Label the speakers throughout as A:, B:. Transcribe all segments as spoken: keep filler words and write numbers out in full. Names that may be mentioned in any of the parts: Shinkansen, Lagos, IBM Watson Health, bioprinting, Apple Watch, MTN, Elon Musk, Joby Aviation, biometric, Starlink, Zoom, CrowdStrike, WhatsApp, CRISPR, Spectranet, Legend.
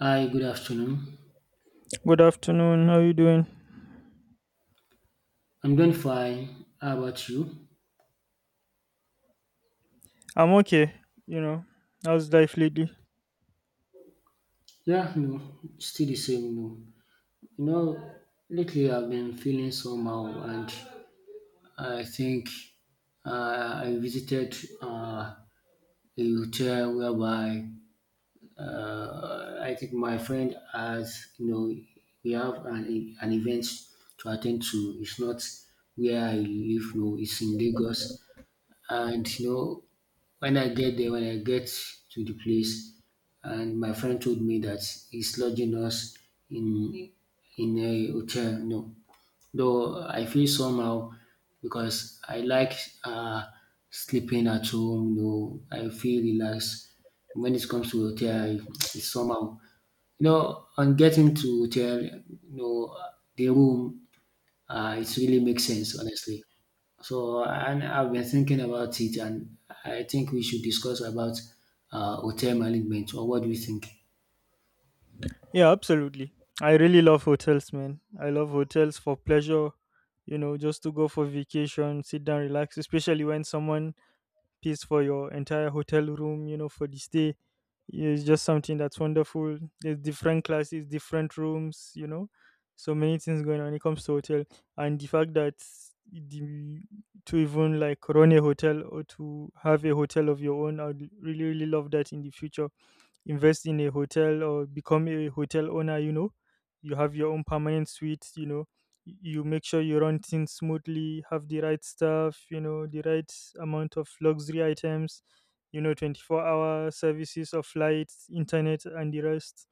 A: Hi, good afternoon.
B: Good afternoon. How you doing?
A: I'm doing fine. How about you?
B: I'm okay. You know, how's life lately?
A: Yeah, no, still the same. No, you know, lately I've been feeling somehow, and I think uh, I visited uh, a hotel whereby uh, I think my friend has, you know, we have an, e, an event to attend to. It's not where I live, no, it's in Lagos. And you know, when I get there, when I get to the place, and my friend told me that he's lodging us in in a hotel. No, though I feel somehow because I like uh, sleeping at home. You know, I feel relaxed. When it comes to hotel, I, it's somehow, you know, on getting to hotel, you know, the room, uh, it really makes sense, honestly. So, and I've been thinking about it, and I think we should discuss about uh, hotel management. Or what do you think?
B: Yeah, absolutely. I really love hotels, man. I love hotels for pleasure. You know, just to go for vacation, sit down, relax. Especially when someone pays for your entire hotel room, you know, for the stay. It's just something that's wonderful. There's different classes, different rooms, you know, so many things going on when it comes to hotel. And the fact that the, to even like run a hotel or to have a hotel of your own, I'd really, really love that in the future. Invest in a hotel or become a hotel owner, you know, you have your own permanent suite, you know. Y- you make sure you run things smoothly, have the right stuff, you know, the right amount of luxury items, you know, twenty-four hour services of light, internet, and the rest.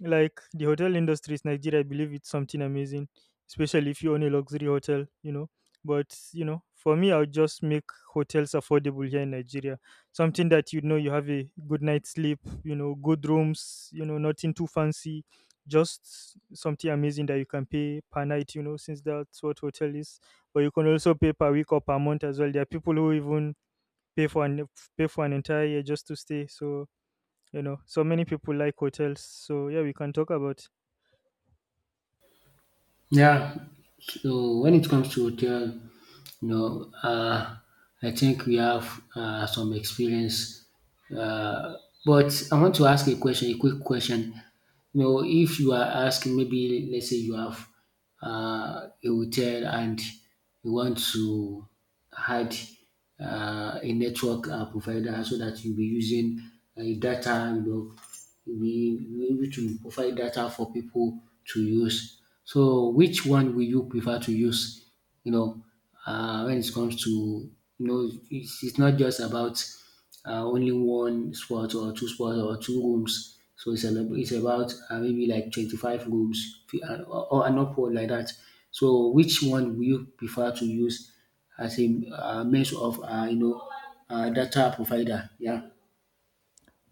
B: Like the hotel industry is Nigeria, I believe it's something amazing, especially if you own a luxury hotel, you know. But you know, for me, I'll just make hotels affordable here in Nigeria, something that, you know, you have a good night's sleep, you know, good rooms, you know, nothing too fancy, just something amazing that you can pay per night, you know, since that's what hotel is. But you can also pay per week or per month as well. There are people who even pay for an pay for an entire year just to stay. So, you know, so many people like hotels. So yeah, we can talk about.
A: Yeah. So when it comes to hotel, you know, uh, I think we have uh, some experience. Uh, but I want to ask a question, a quick question. You know, if you are asking, maybe let's say you have uh, a hotel and you want to add uh, a network uh, provider so that you'll be using uh, data, you know, you'll be you'll be able to provide data for people to use. So which one will you prefer to use, you know, uh, when it comes to, you know, it's, it's not just about uh, only one spot or two spots or two rooms. So it's, a, it's about uh, maybe like twenty-five rooms fi- uh, or, or an upward like that. So which one will you prefer to use as a uh, means of, uh, you know, uh, data provider. Yeah.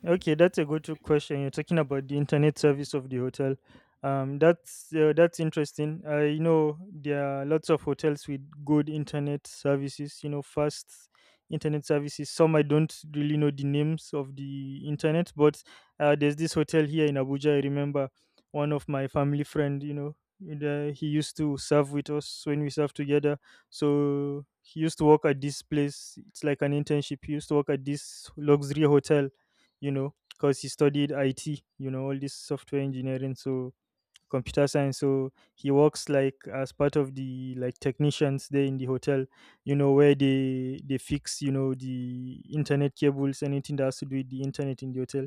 B: Okay, that's a good question. You're talking about the internet service of the hotel. Um, that's uh, that's interesting. Uh, you know, there are lots of hotels with good internet services. You know, fast internet services. Some I don't really know the names of the internet, but uh, there's this hotel here in Abuja. I remember one of my family friend. You know, and, uh, he used to serve with us when we served together. So he used to work at this place. It's like an internship. He used to work at this luxury hotel, you know, because he studied I T, you know, all this software engineering. So computer science, so he works like as part of the like technicians there in the hotel, you know, where they they fix, you know, the internet cables, anything that has to do with the internet in the hotel,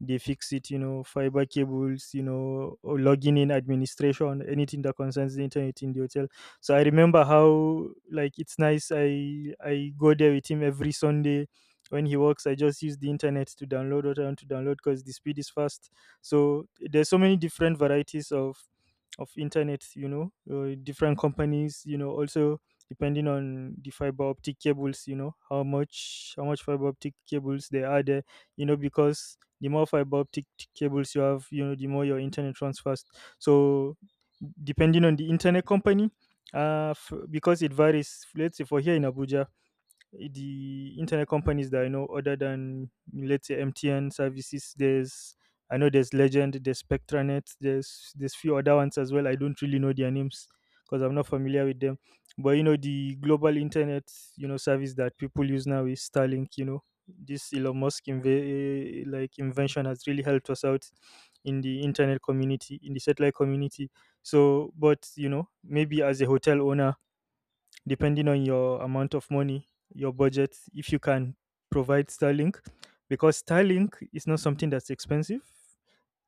B: they fix it, you know. Fiber cables, you know, or logging in administration, anything that concerns the internet in the hotel. So I remember how like it's nice. I i go there with him every Sunday. When he works, I just use the internet to download what I want to download because the speed is fast. So there's so many different varieties of of internet, you know, uh, different companies, you know. Also depending on the fiber optic cables, you know, how much how much fiber optic cables there are there, you know. Because the more fiber optic t- cables you have, you know, the more your internet runs fast. So, depending on the internet company, uh f- because it varies. Let's say for here in Abuja, the internet companies that I know, other than let's say M T N services, there's, I know there's Legend, there's Spectranet, there's there's few other ones as well. I don't really know their names because I'm not familiar with them. But you know, the global internet, you know, service that people use now is Starlink. You know, this Elon Musk inve- eh, like invention has really helped us out in the internet community, in the satellite community. So, but you know, maybe as a hotel owner, depending on your amount of money, your budget, if you can provide Starlink, because Starlink is not something that's expensive.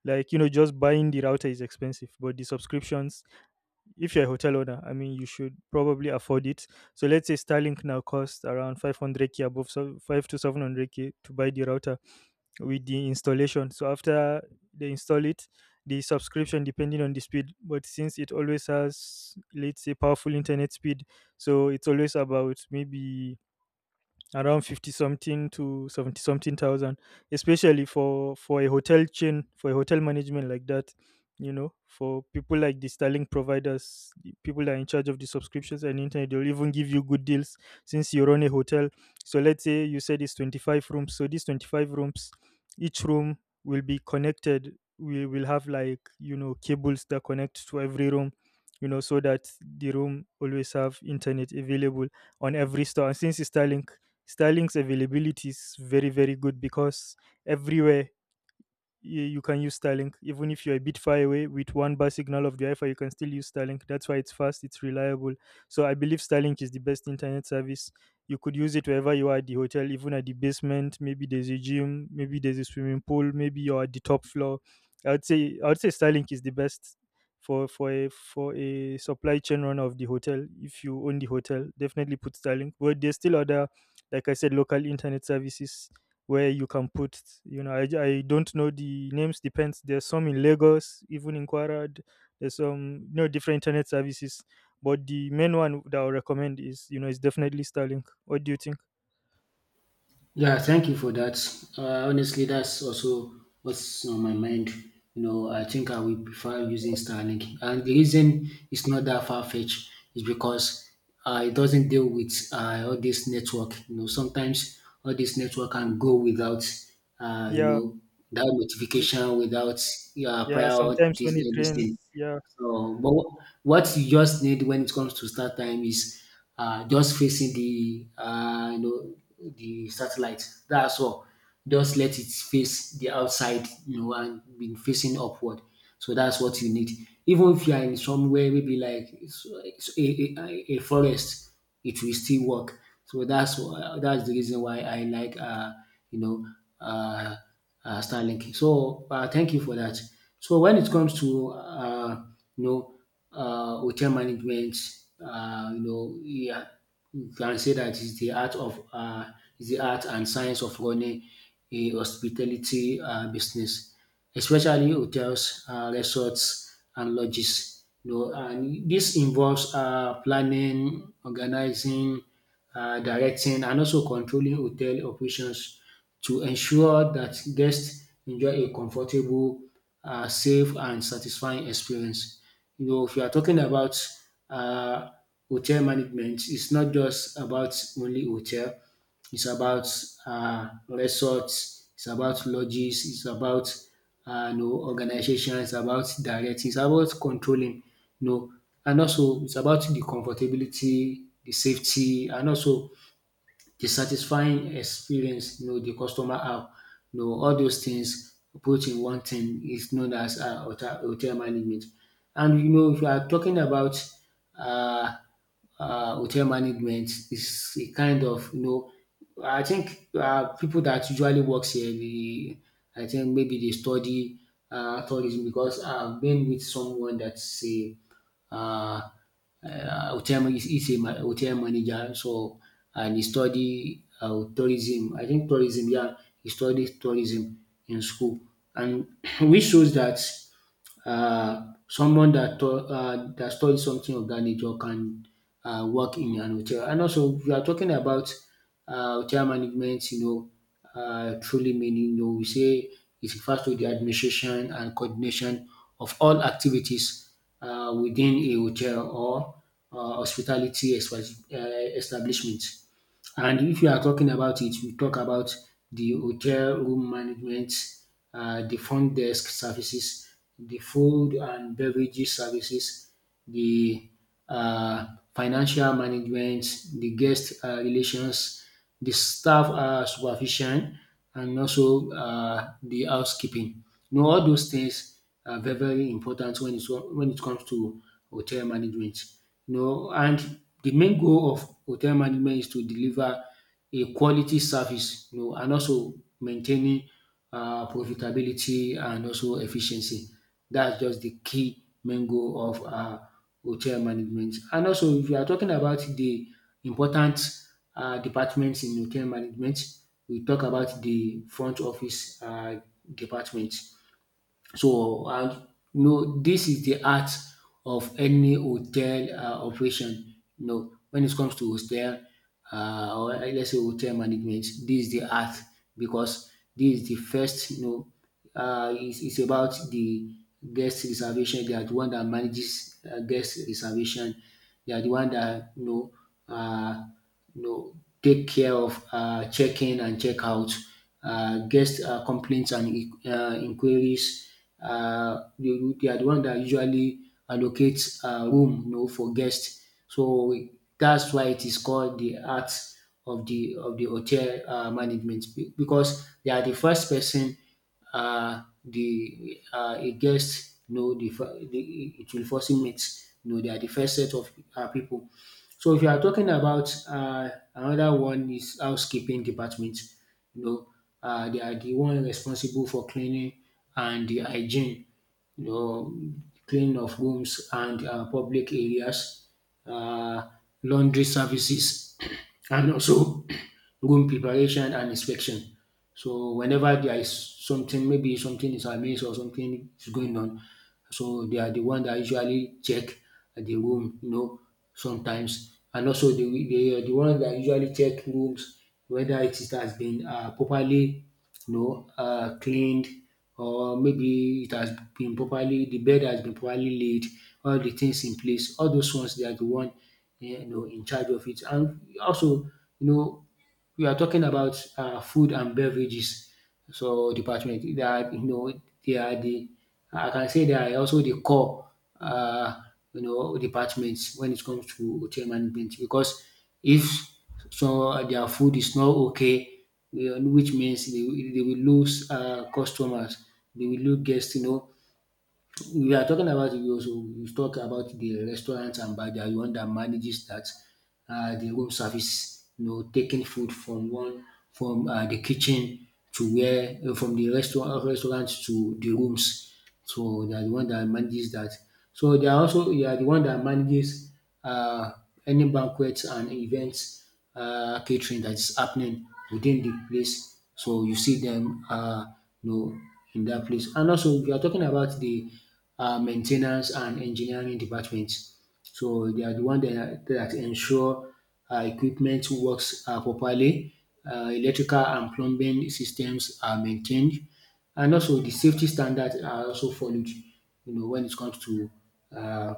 B: Like, you know, just buying the router is expensive, but the subscriptions, if you're a hotel owner, I mean, you should probably afford it. So let's say Starlink now costs around five hundred k above, so five to seven hundred k to buy the router with the installation. So after they install it, the subscription depending on the speed. But since it always has, let's say, powerful internet speed, so it's always about maybe around fifty something to seventy something thousand, especially for for a hotel chain, for a hotel management like that, you know. For people like the Starlink providers, the people that are in charge of the subscriptions and internet, they'll even give you good deals since you run a hotel. So let's say you said it's twenty-five rooms, so these twenty-five rooms, each room will be connected. We will have like, you know, cables that connect to every room, you know, so that the room always have internet available on every store. And since it's Starlink, Sterling's availability is very, very good because everywhere y- you can use Starlink. Even if you're a bit far away with one bar signal of the Wi-Fi, you can still use Starlink. That's why it's fast, it's reliable. So I believe Starlink is the best internet service. You could use it wherever you are at the hotel, even at the basement. Maybe there's a gym, maybe there's a swimming pool, maybe you're at the top floor. I would say I would say Starlink is the best for for a for a supply chain runner of the hotel. If you own the hotel, definitely put Starlink. But there's still other, like I said, local internet services where you can put, you know. I, I don't know the names, depends. There's some in Lagos, even in Kwara d- there's some, you know, different internet services. But the main one that I recommend is, you know, is definitely Starlink. What do you think?
A: Yeah, thank you for that. Uh, honestly, that's also what's on my mind. You know, I think I will prefer using Starlink, and the reason it's not that far fetched is because uh, it doesn't deal with uh, all this network. You know, sometimes all this network can go without, uh, you
B: Yeah.
A: know, that
B: y-
A: notification, without uh,
B: yeah,
A: prior
B: sometimes
A: this,
B: when it
A: uh, this
B: rains,
A: thing.
B: yeah.
A: So, but wh- what you just need when it comes to start time is uh, just facing the, uh, you know, the satellite. That's all. Just let it face the outside, you know, and be facing upward. So that's what you need. Even if you are in somewhere maybe like s- s- a, a, a forest, it will still work. So that's wh- that's the reason why I like, uh, you know uh, uh, Starlink. So, uh, thank you for that. So when it comes to, uh, you know uh, hotel management, uh, you know, yeah, you can say that is the art of, uh, is the art and science of running a hospitality uh, business, especially hotels, uh, resorts, and lodges. You know, and this involves uh, planning, organizing, uh, directing, and also controlling hotel operations to ensure that guests enjoy a comfortable, um safe and satisfying experience. You know, if you are talking about um hotel management, it's not just about only hotel, it's about um resorts, it's about lodges, it's about um you know, organization, it's about directing, it's about controlling, you know, and also it's about the comfortability, the safety, and also the satisfying experience, you know, the customer have, you know, all those things put in one thing is known as, uh, hotel, hotel management. And you know, if you are talking about uh, uh, hotel management, is a kind of, you know, I think uh, people that usually works here, the, I think maybe they study uh, tourism, because I've been with someone that's a uh, uh, hotel man- he's a hotel manager. So uh, and he study uh, tourism. I think tourism. Yeah, he studied tourism in school, and which shows that uh, someone that to- uh, that studies something of that nature can uh, work in an hotel. And also, we are talking about uh, hotel management. You know, uh, truly meaning. You know, we say it refers to the administration and coordination of all activities uh, within a hotel or uh, hospitality espa- uh, establishment. And if you are talking about it, we talk about the hotel room management, uh, the front desk services, the food and beverages services, the uh, financial management, the guest uh, relations, the staff um supervision, and also uh the housekeeping. You know, all those things are very very important when it's when it comes to hotel management. You know, and the main goal of hotel management is to deliver a quality service, you know, and also maintaining uh, profitability and also efficiency. That's just the key main goal of uh, hotel management. And also, if you are talking about the important uh, departments in hotel management, we talk about the front office uh, department. So, and you know, this is the art of any hotel uh, operation. You know, when it comes to hotel uh, or uh, let's say hotel management, this is the art, because this is the first. You know, uh, it's, it's about the guest reservation. They are the one that manages uh, guest reservation. They are the one that, you know, Uh, you know, take care of uh, check-in and check-out, uh, guest uh, complaints and uh, inquiries, uh, they, they are the one that usually allocate uh, room, you know, for guests. So that's why it is called the art of the of the hotel uh, management, be- because they are the first person, uh, the uh, a guest, you know, the, fir- the, it will first meet, you know, they are the first set of uh, people. So if you are talking about, uh, another one is housekeeping department. You know, uh, they are the one responsible for cleaning and the hygiene. You know, cleaning of rooms and uh, public areas, uh, laundry services, and also room preparation and inspection. So whenever there is something, maybe something is amiss or something is going on, so they are the one that usually check the room, you know, sometimes. And also they, they are the one that usually check rooms whether it is- has been uh, properly, you know, uh, cleaned, or maybe it has been properly, the bed has been properly laid, all the things in place. All those ones, they are the one, eh, you know, in charge of it. And also, you know, we are talking about uh, food and beverages. So department, they are, you know, they are the, I can say they are also the core uh, you know, departments when it comes to hotel management, because if so their food is not okay, you know, which means they, will- they will lose uh, customers, they will lose guests, you know. We are talking about, you also you talk about the restaurants and bar. They are the one that manages that, uh, the room service. You know, taking food from one, from uh, the kitchen to where, uh, from the restaurant uh, restaurant to the rooms. So they are the one that manages that. So they are also they are the one that manages uh, any banquets and events uh, catering that is happening within the place. So you see them, uh, you know, in that place. And also, we are talking about the uh, maintenance and engineering departments. So they are the one that, that ensure uh, equipment works uh, properly, uh, electrical and plumbing systems are maintained, and also the safety standards are also followed. You know, when it comes to uh,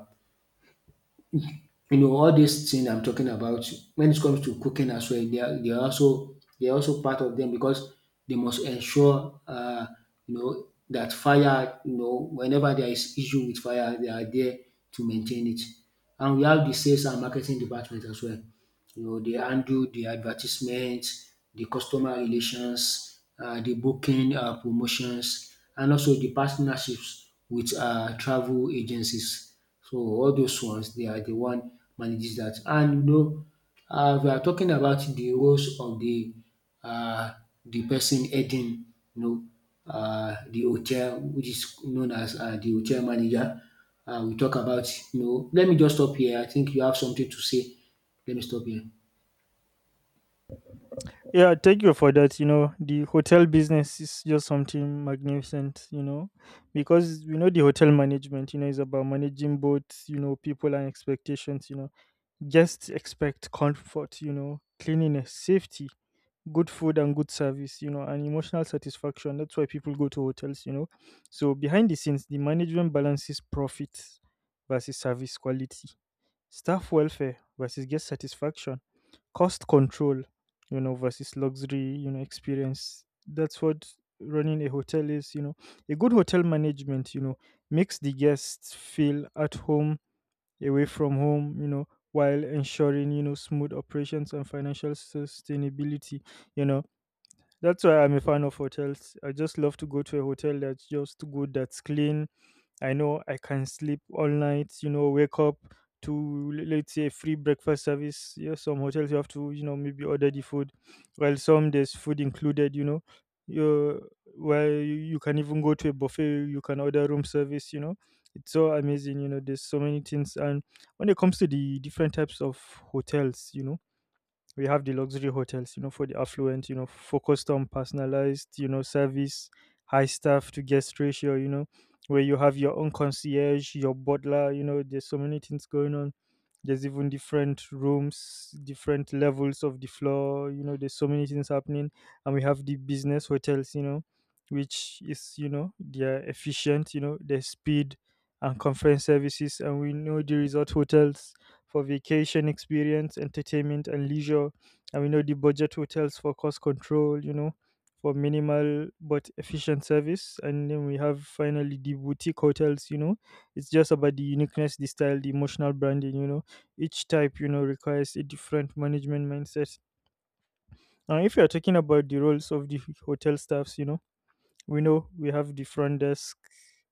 A: you know, all these things I'm talking about when it comes to cooking as well, they are they are also they are also part of them, because they must ensure, uh, you know, that fire, you know, whenever there is issue with fire, they are there to maintain it. And we have the sales and marketing department as well. You know, they handle the advertisements, the customer relations, uh, the booking uh, promotions, and also the partnerships with uh, travel agencies. So all those ones they are the one manages that. And you know, um we are talking about the roles of the um the person heading, you know, um the hotel, which is known as um the hotel manager. Um we talk about, you know, let me just stop here. I think you have something to say. Let me stop here.
B: Yeah, thank you for that. You know, the hotel business is just something magnificent, you know, because we know the hotel management, you know, is about managing both, you know, people and expectations, you know. Guests expect comfort, you know, cleanliness, safety, good food and good service, you know, and emotional satisfaction. That's why people go to hotels, you know. So behind the scenes, the management balances profits versus service quality, staff welfare versus guest satisfaction, cost control, you know, versus luxury, you know, experience. That's what running a hotel is, you know. A good hotel management, you know, makes the guests feel at home, away from home, you know, while ensuring, you know, smooth operations and financial sustainability, you know. That's why I'm a fan of hotels. I just love to go to a hotel that's just good, that's clean. I know I can sleep all night, you know, wake up to l- let's say free breakfast service. Yeah, some hotels you have to, you know, maybe order the food. Well, some there's food included, you know. You well, you, you can even go to a buffet. You can order room service. You know, it's so amazing. You know, there's so many things. And when it comes to the different types of hotels, you know, we have the luxury hotels, you know, for the affluent, you know, focused on personalized, you know, service, high staff to guest ratio, you know, where you have your own concierge, your butler, you know. There's so many things going on. There's even different rooms, different levels of the floor, you know. There's so many things happening. And we have the business hotels, you know, which is, you know, they're efficient, you know, their speed and conference services. And we know the resort hotels for vacation experience, entertainment, and leisure. And we know the budget hotels for cost control, you know, for minimal but efficient service. And then we have finally the boutique hotels, you know, it's just about the uniqueness, the style, the emotional branding, you know. Each type, you know, requires a different management mindset. Now, if you're talking about the roles of the hotel staffs, you know, we know we have the front desk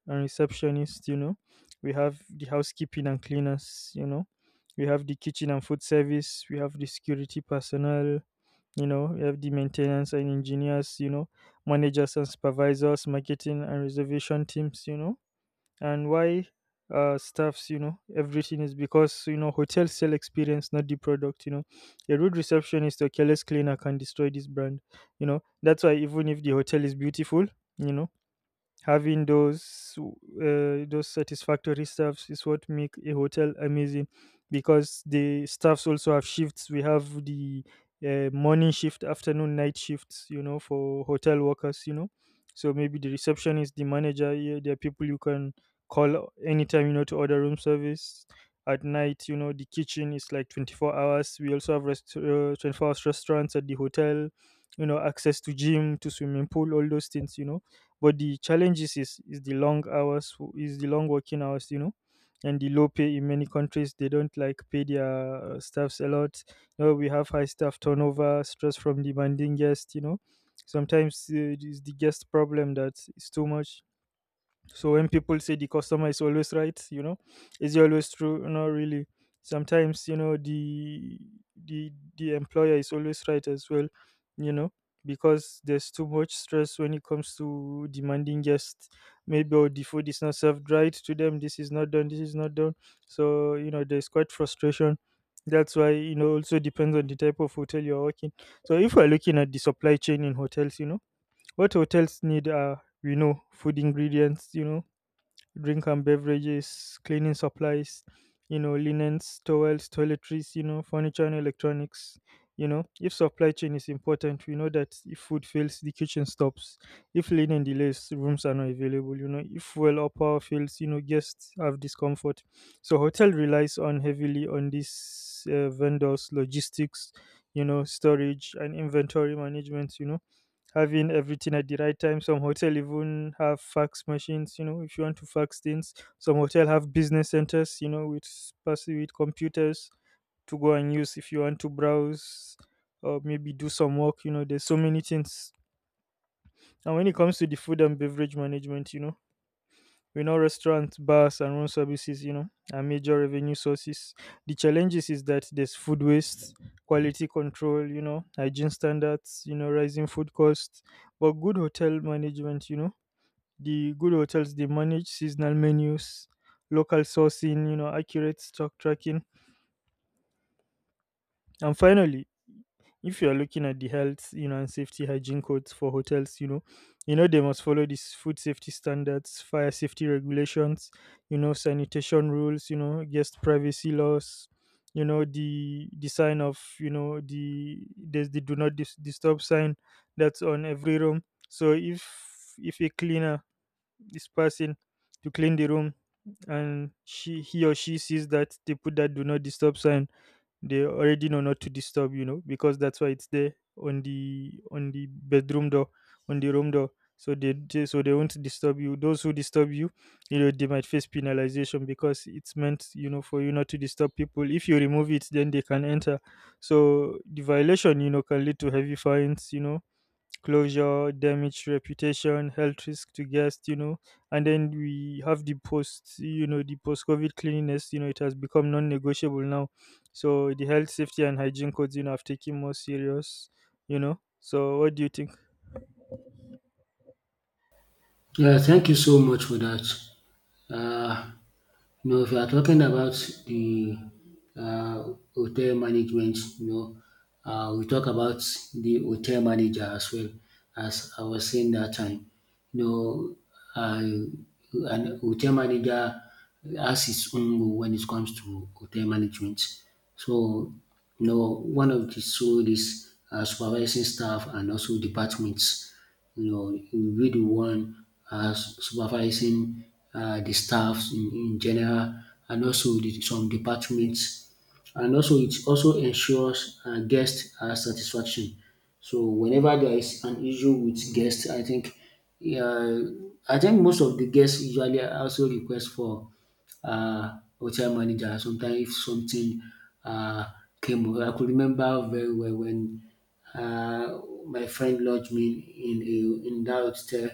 B: and receptionist, you know, we have the housekeeping and cleaners, you know, we have the kitchen and food service, we have the security personnel, you know, we have the maintenance and engineers, you know, managers and supervisors, marketing and reservation teams, you know. And why uh, staffs, you know, everything is because, you know, hotels sell experience, not the product, you know. A rude receptionist or careless cleaner can destroy this brand, you know. That's why even if the hotel is beautiful, you know having those uh, those satisfactory staffs is what make a hotel amazing because the staffs also have shifts. We have the uh, morning shift, afternoon, night shifts, you know, for hotel workers, you know. So maybe the receptionist, the manager, yeah, there are people you can call anytime, you know, to order room service at night. You know, the kitchen is like twenty-four hours. We also have rest- uh, twenty-four hours restaurants at the hotel, you know, access to gym, to swimming pool, all those things, you know. But the challenges is, is the long hours, is the long working hours, you know, and the low pay in many countries. They don't like pay their uh, staffs a lot. You know, we have high staff turnover, stress from demanding guests, you know. Sometimes uh, it is the guest problem that is too much. So when people say the customer is always right, you know, is it always true? Not really. Sometimes, you know, the the the employer is always right as well, you know, because there's too much stress when it comes to demanding guests. Maybe, oh, the food is not served right to them. This is not done. This is not done. So, you know, there's quite frustration. That's why, you know, also depends on the type of hotel you're working. So if we're looking at the supply chain in hotels, you know, what hotels need are, we know, food ingredients, you know, drink and beverages, cleaning supplies, you know, linens, towels, toiletries, you know, furniture and electronics. You know, if supply chain is important, we know that if food fails, the kitchen stops. If linen delays, rooms are not available. You know, if well or power fails, you know, guests have discomfort. So hotel relies on heavily on these uh, vendors, logistics, you know, storage and inventory management. You know, having everything at the right time. Some hotel even have fax machines, you know, if you want to fax things. Some hotel have business centers, you know, with passive with computers to go and use if you want to browse or maybe do some work, you know, there's so many things. And when it comes to the food and beverage management, you know, we know restaurants, bars, and room services, you know, are major revenue sources. The challenges is that there's food waste, quality control, you know, hygiene standards, you know, rising food costs. But good hotel management, you know, the good hotels, they manage seasonal menus, local sourcing, you know, accurate stock tracking, and finally, if you're looking at the health, you know, and safety hygiene codes for hotels, you know, you know, they must follow these food safety standards, fire safety regulations, you know, sanitation rules, you know, guest privacy laws, you know, the the sign of, you know, the there's the do not dis- disturb sign that's on every room. So if if a cleaner is passing to clean the room and she he or she sees that they put that do not disturb sign, they already know not to disturb, you know, because that's why it's there on the on the bedroom door, on the room door. So they, they so they won't disturb you. Those who disturb you, you know, they might face penalization because it's meant, you know, for you not to disturb people. If you remove it, then they can enter. So the violation, you know, can lead to heavy fines, you know, closure, damage, reputation, health risk to guests, you know. And then we have the post, you know, the post COVID cleanliness, you know, it has become non negotiable now. So the health, safety, and hygiene codes, you know, have taken more serious, you know. So what do you think?
A: Yeah, thank you so much for that. Uh, you know, if you are talking about the uh, hotel management, you know, uh, we talk about the hotel manager as well as I was saying that time. You know, uh, an hotel manager has its own role when it comes to hotel management. So, you know, one of the so is uh, supervising staff and also departments you know, you be the one uh, supervising uh, the staffs in, in general and also the, some departments and also it also ensures uh, guest uh, satisfaction. So whenever there is an issue with guests, I think uh, I think most of the guests usually also request for uh, hotel manager. Sometimes if something uh, came, up- I could remember very well when uh, my friend lodged me in a, in that hotel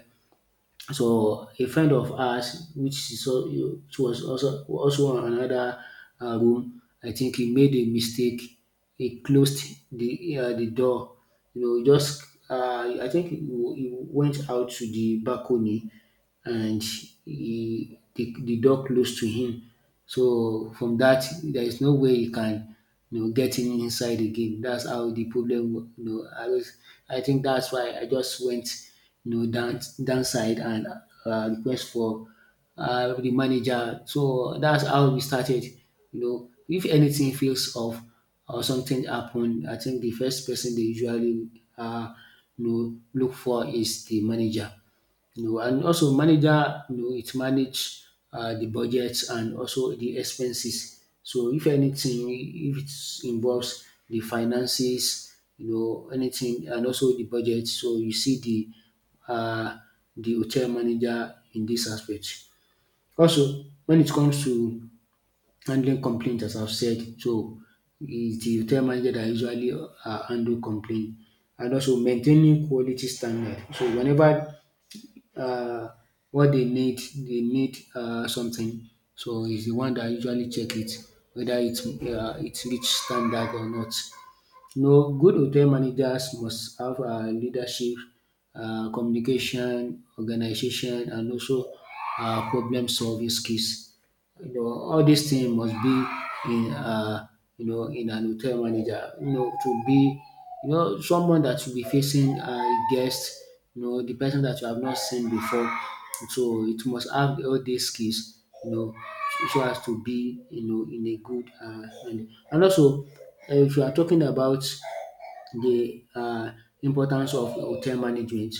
A: so a friend of ours which she saw she was also also on another uh room I think he made a mistake. He closed the uh the door. You know, he just uh I think he w- he went out to the balcony and he the, the door closed to him. So from that there is no way he can, you know, getting inside again. That's how the problem, wa- you know, I was, I think that's why I just went, you know, down, downside and uh, request for uh, the manager. So that's how we started, you know, if anything feels off or something happened, I think the first person they usually, uh, you know, look for is the manager, you know, and also manager, you know, it manage uh, the budgets and also the expenses. So if anything, if it involves the finances, you know, anything, and also the budget, so you see the uh, the hotel manager in this aspect. Also, when it comes to handling complaints, as I've said, so it's the hotel manager that usually uh, handle complaint and also maintaining quality standard. So whenever uh, what they need, they need uh, something. So it's the one that usually check it whether it's uh, it's reach standard or not. You know, good hotel managers must have uh, leadership, uh, communication, organization, and also uh, problem solving skills, you know, all these things must be in uh, you know in an hotel manager. You know, to be, you know, someone that will be facing uh, a guest, you know, the person that you have not seen before. So it must have all these skills, you know, so as to be, you know, in a good uh, and and also uh, if you are talking about the um importance of hotel management.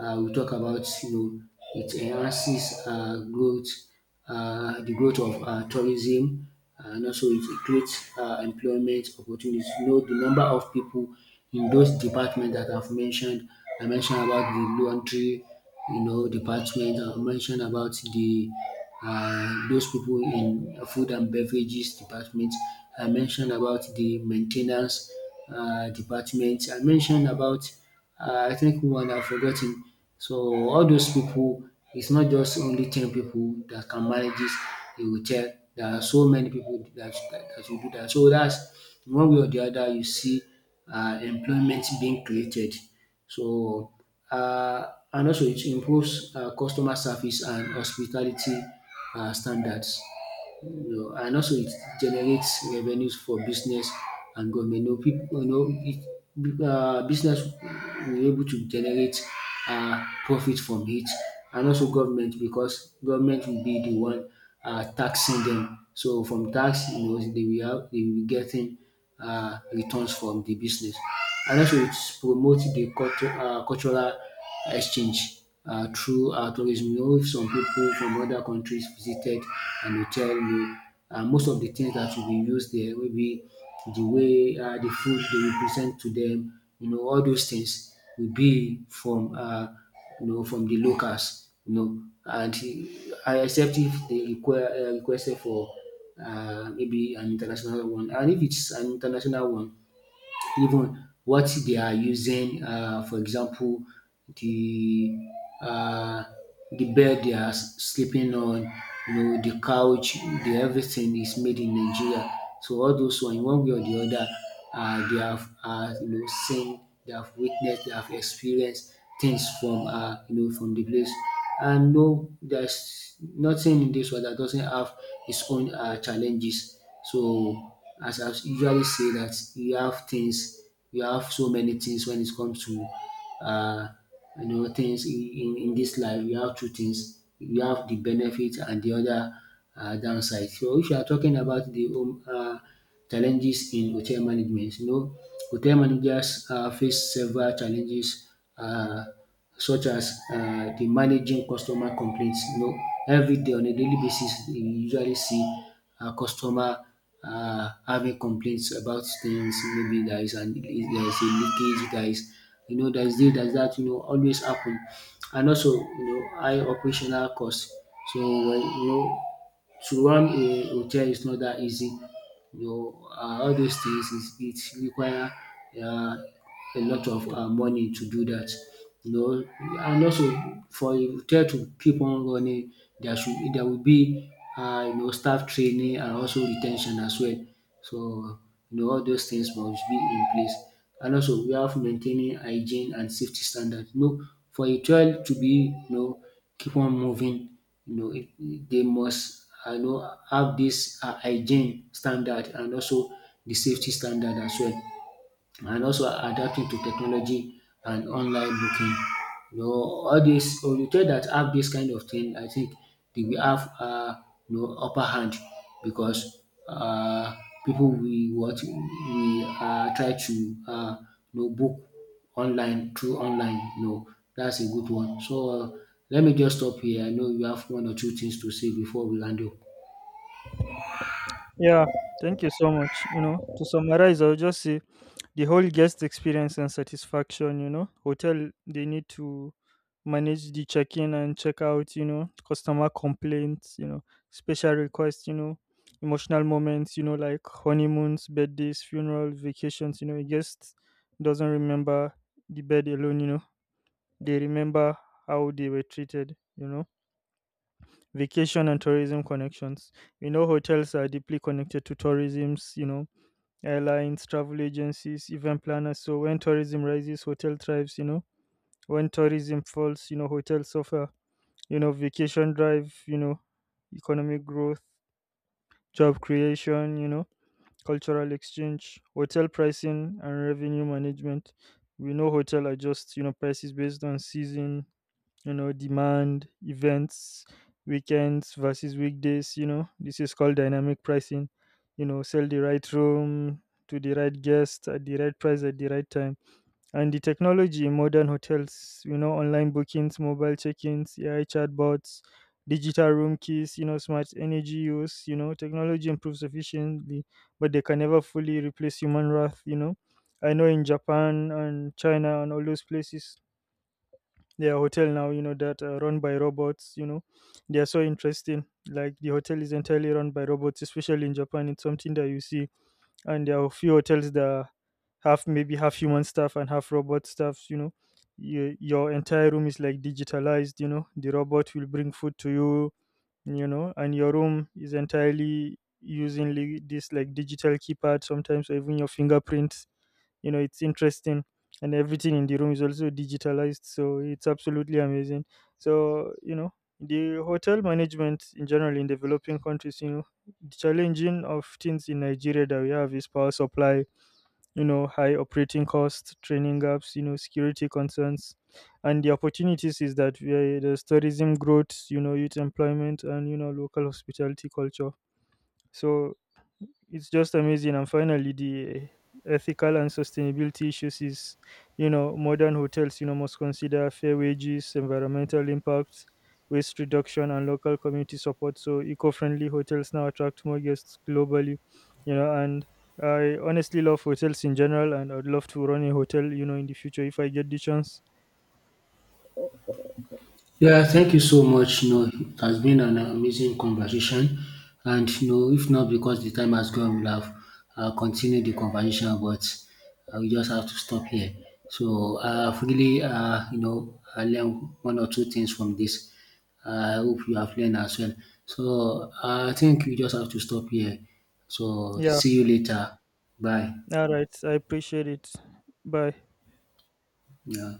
A: um We talk about, you know, it enhances um growth, um the growth of um tourism and also it creates um employment opportunities. You know the number of people in those departments that I've mentioned, I mentioned about the laundry, you know, department. I mentioned about the uh, those people in food and beverages department. I mentioned about the maintenance uh, department. I mentioned about uh, I think one I've forgotten. So all those people, it's not just only ten people that can manage this a hotel. There are so many people that that, that will do that. So that's one way or the other you see uh, employment being created. So, uh, and also it improves uh, customer service and hospitality uh, standards. You know, and also it generates revenues for business and government. You know, people, you know, it, uh, business will able to generate uh, profit from it, and also government because government will be the one uh, taxing them. So from tax, you know, they will have, they will be getting um returns from the business. And also it promote the um cultural exchange um through um tourism. You know if some people from other countries visited and dey tell you um most of the things that will be used there maybe the way um the food they will present to dem, you know all those things will be from um you know from the locals, you know, and except if they require uh, requested for uh, maybe an international one. And if it's an international one, even what they are using. Uh, for example, the uh, the bed they are s- sleeping on, you know, the couch, the everything is made in Nigeria. So all those one, in one way or the other, uh, they have uh, you know seen, they have witnessed, they have experienced things from uh, you know from the place. And no, there's nothing in this world that doesn't have its own uh, challenges. So as I usually say that you have things, you have so many things when it comes to uh, you know things in, in, in this life. You have two things. You have the benefit and the other uh, downside. So if you are talking about the home uh, challenges in hotel management, you know hotel managers uh, face several challenges. Uh, Such as um the managing customer complaints. You know everyday on a daily basis you usually see a customer um having complaints about things maybe there is an there is a leakage, there is, you know, there is this, there is that, you know, always happen. And also, you know, high operational cost. So when you know to run a hotel is not that easy, you know, uh, all those things is it require uh, a lot of uh, money to do that. You know, and also for a hotel to keep on running, there should there will be uh, you know staff training and also retention as well. So, you know, all those things must be in place. And also, we have maintaining hygiene and safety standard. You know, for a child to be, you know, keep on moving, you know, it, it- they must, I know, have this uh, hygiene standard and also the safety standard as well. And also adapting to technology and online booking. You know, all these hotel that have this kind of thing, I think they will have uh, you know, upper hand because uh, people will what we uh, try to uh, you know, book online through online. You know, that's a good one. So uh, let me just stop here. I know you have one or two things to say before we land up.
B: Yeah, thank you so much. You know, to summarize, I'll just say the whole guest experience and satisfaction, you know. Hotel they need to manage the check in and check out, you know, customer complaints, you know, special requests, you know, emotional moments, you know, like honeymoons, birthdays, funerals, vacations, you know, a guest doesn't remember the bed alone, you know. They remember how they were treated, you know. Vacation and tourism connections. You know, hotels are deeply connected to tourisms, you know, airlines, travel agencies, event planners. So when tourism rises, hotel thrives, you know. When tourism falls, you know, hotels suffer. You know, vacation drive, you know, economic growth, job creation, you know, cultural exchange, hotel pricing and revenue management. We know hotel adjusts, you know, prices based on season, you know, demand, events, weekends versus weekdays, you know. This is called dynamic pricing. You know, sell the right room to the right guest at the right price at the right time. And the technology in modern hotels, you know, online bookings, mobile check-ins, A I chatbots, digital room keys, you know, smart energy use, you know, technology improves efficiently, but they can never fully replace human wrath, you know. I know in Japan and China and all those places, their hotel now, you know, that uh, run by robots, you know, they are so interesting. Like, the hotel is entirely run by robots, especially in Japan. It's something that you see. And there are a few hotels that have maybe half human staff and half robot staff, you know. Your, your entire room is like digitalized, you know, the robot will bring food to you, you know, and your room is entirely using li- this like digital keypad sometimes, or even your fingerprints, you know, it's interesting. And everything in the room is also digitalized, so it's absolutely amazing. So, you know, the hotel management in general in developing countries, you know, the challenging of things in Nigeria that we have is power supply, you know, high operating costs, training gaps, you know, security concerns. And the opportunities is that we, there's tourism growth, you know, youth employment, and, you know, local hospitality culture. So it's just amazing. And finally, the ethical and sustainability issues is, you know, modern hotels, you know, must consider fair wages, environmental impacts, waste reduction, and local community support. So eco-friendly hotels now attract more guests globally, you know, and I honestly love hotels in general, and I'd love to run a hotel, you know, in the future if I get the chance.
A: Yeah, thank you so much. You know, it has been an amazing conversation, and you know, if not because the time has gone, we'll have uh, continued the conversation, but uh, we just have to stop here. So I've really, uh, you know, I learned one or two things from this. I hope you have learned as well. So I think we just have to stop here. So
B: Yeah.
A: see you later. Bye.
B: All right. I appreciate it. Bye.
A: Yeah.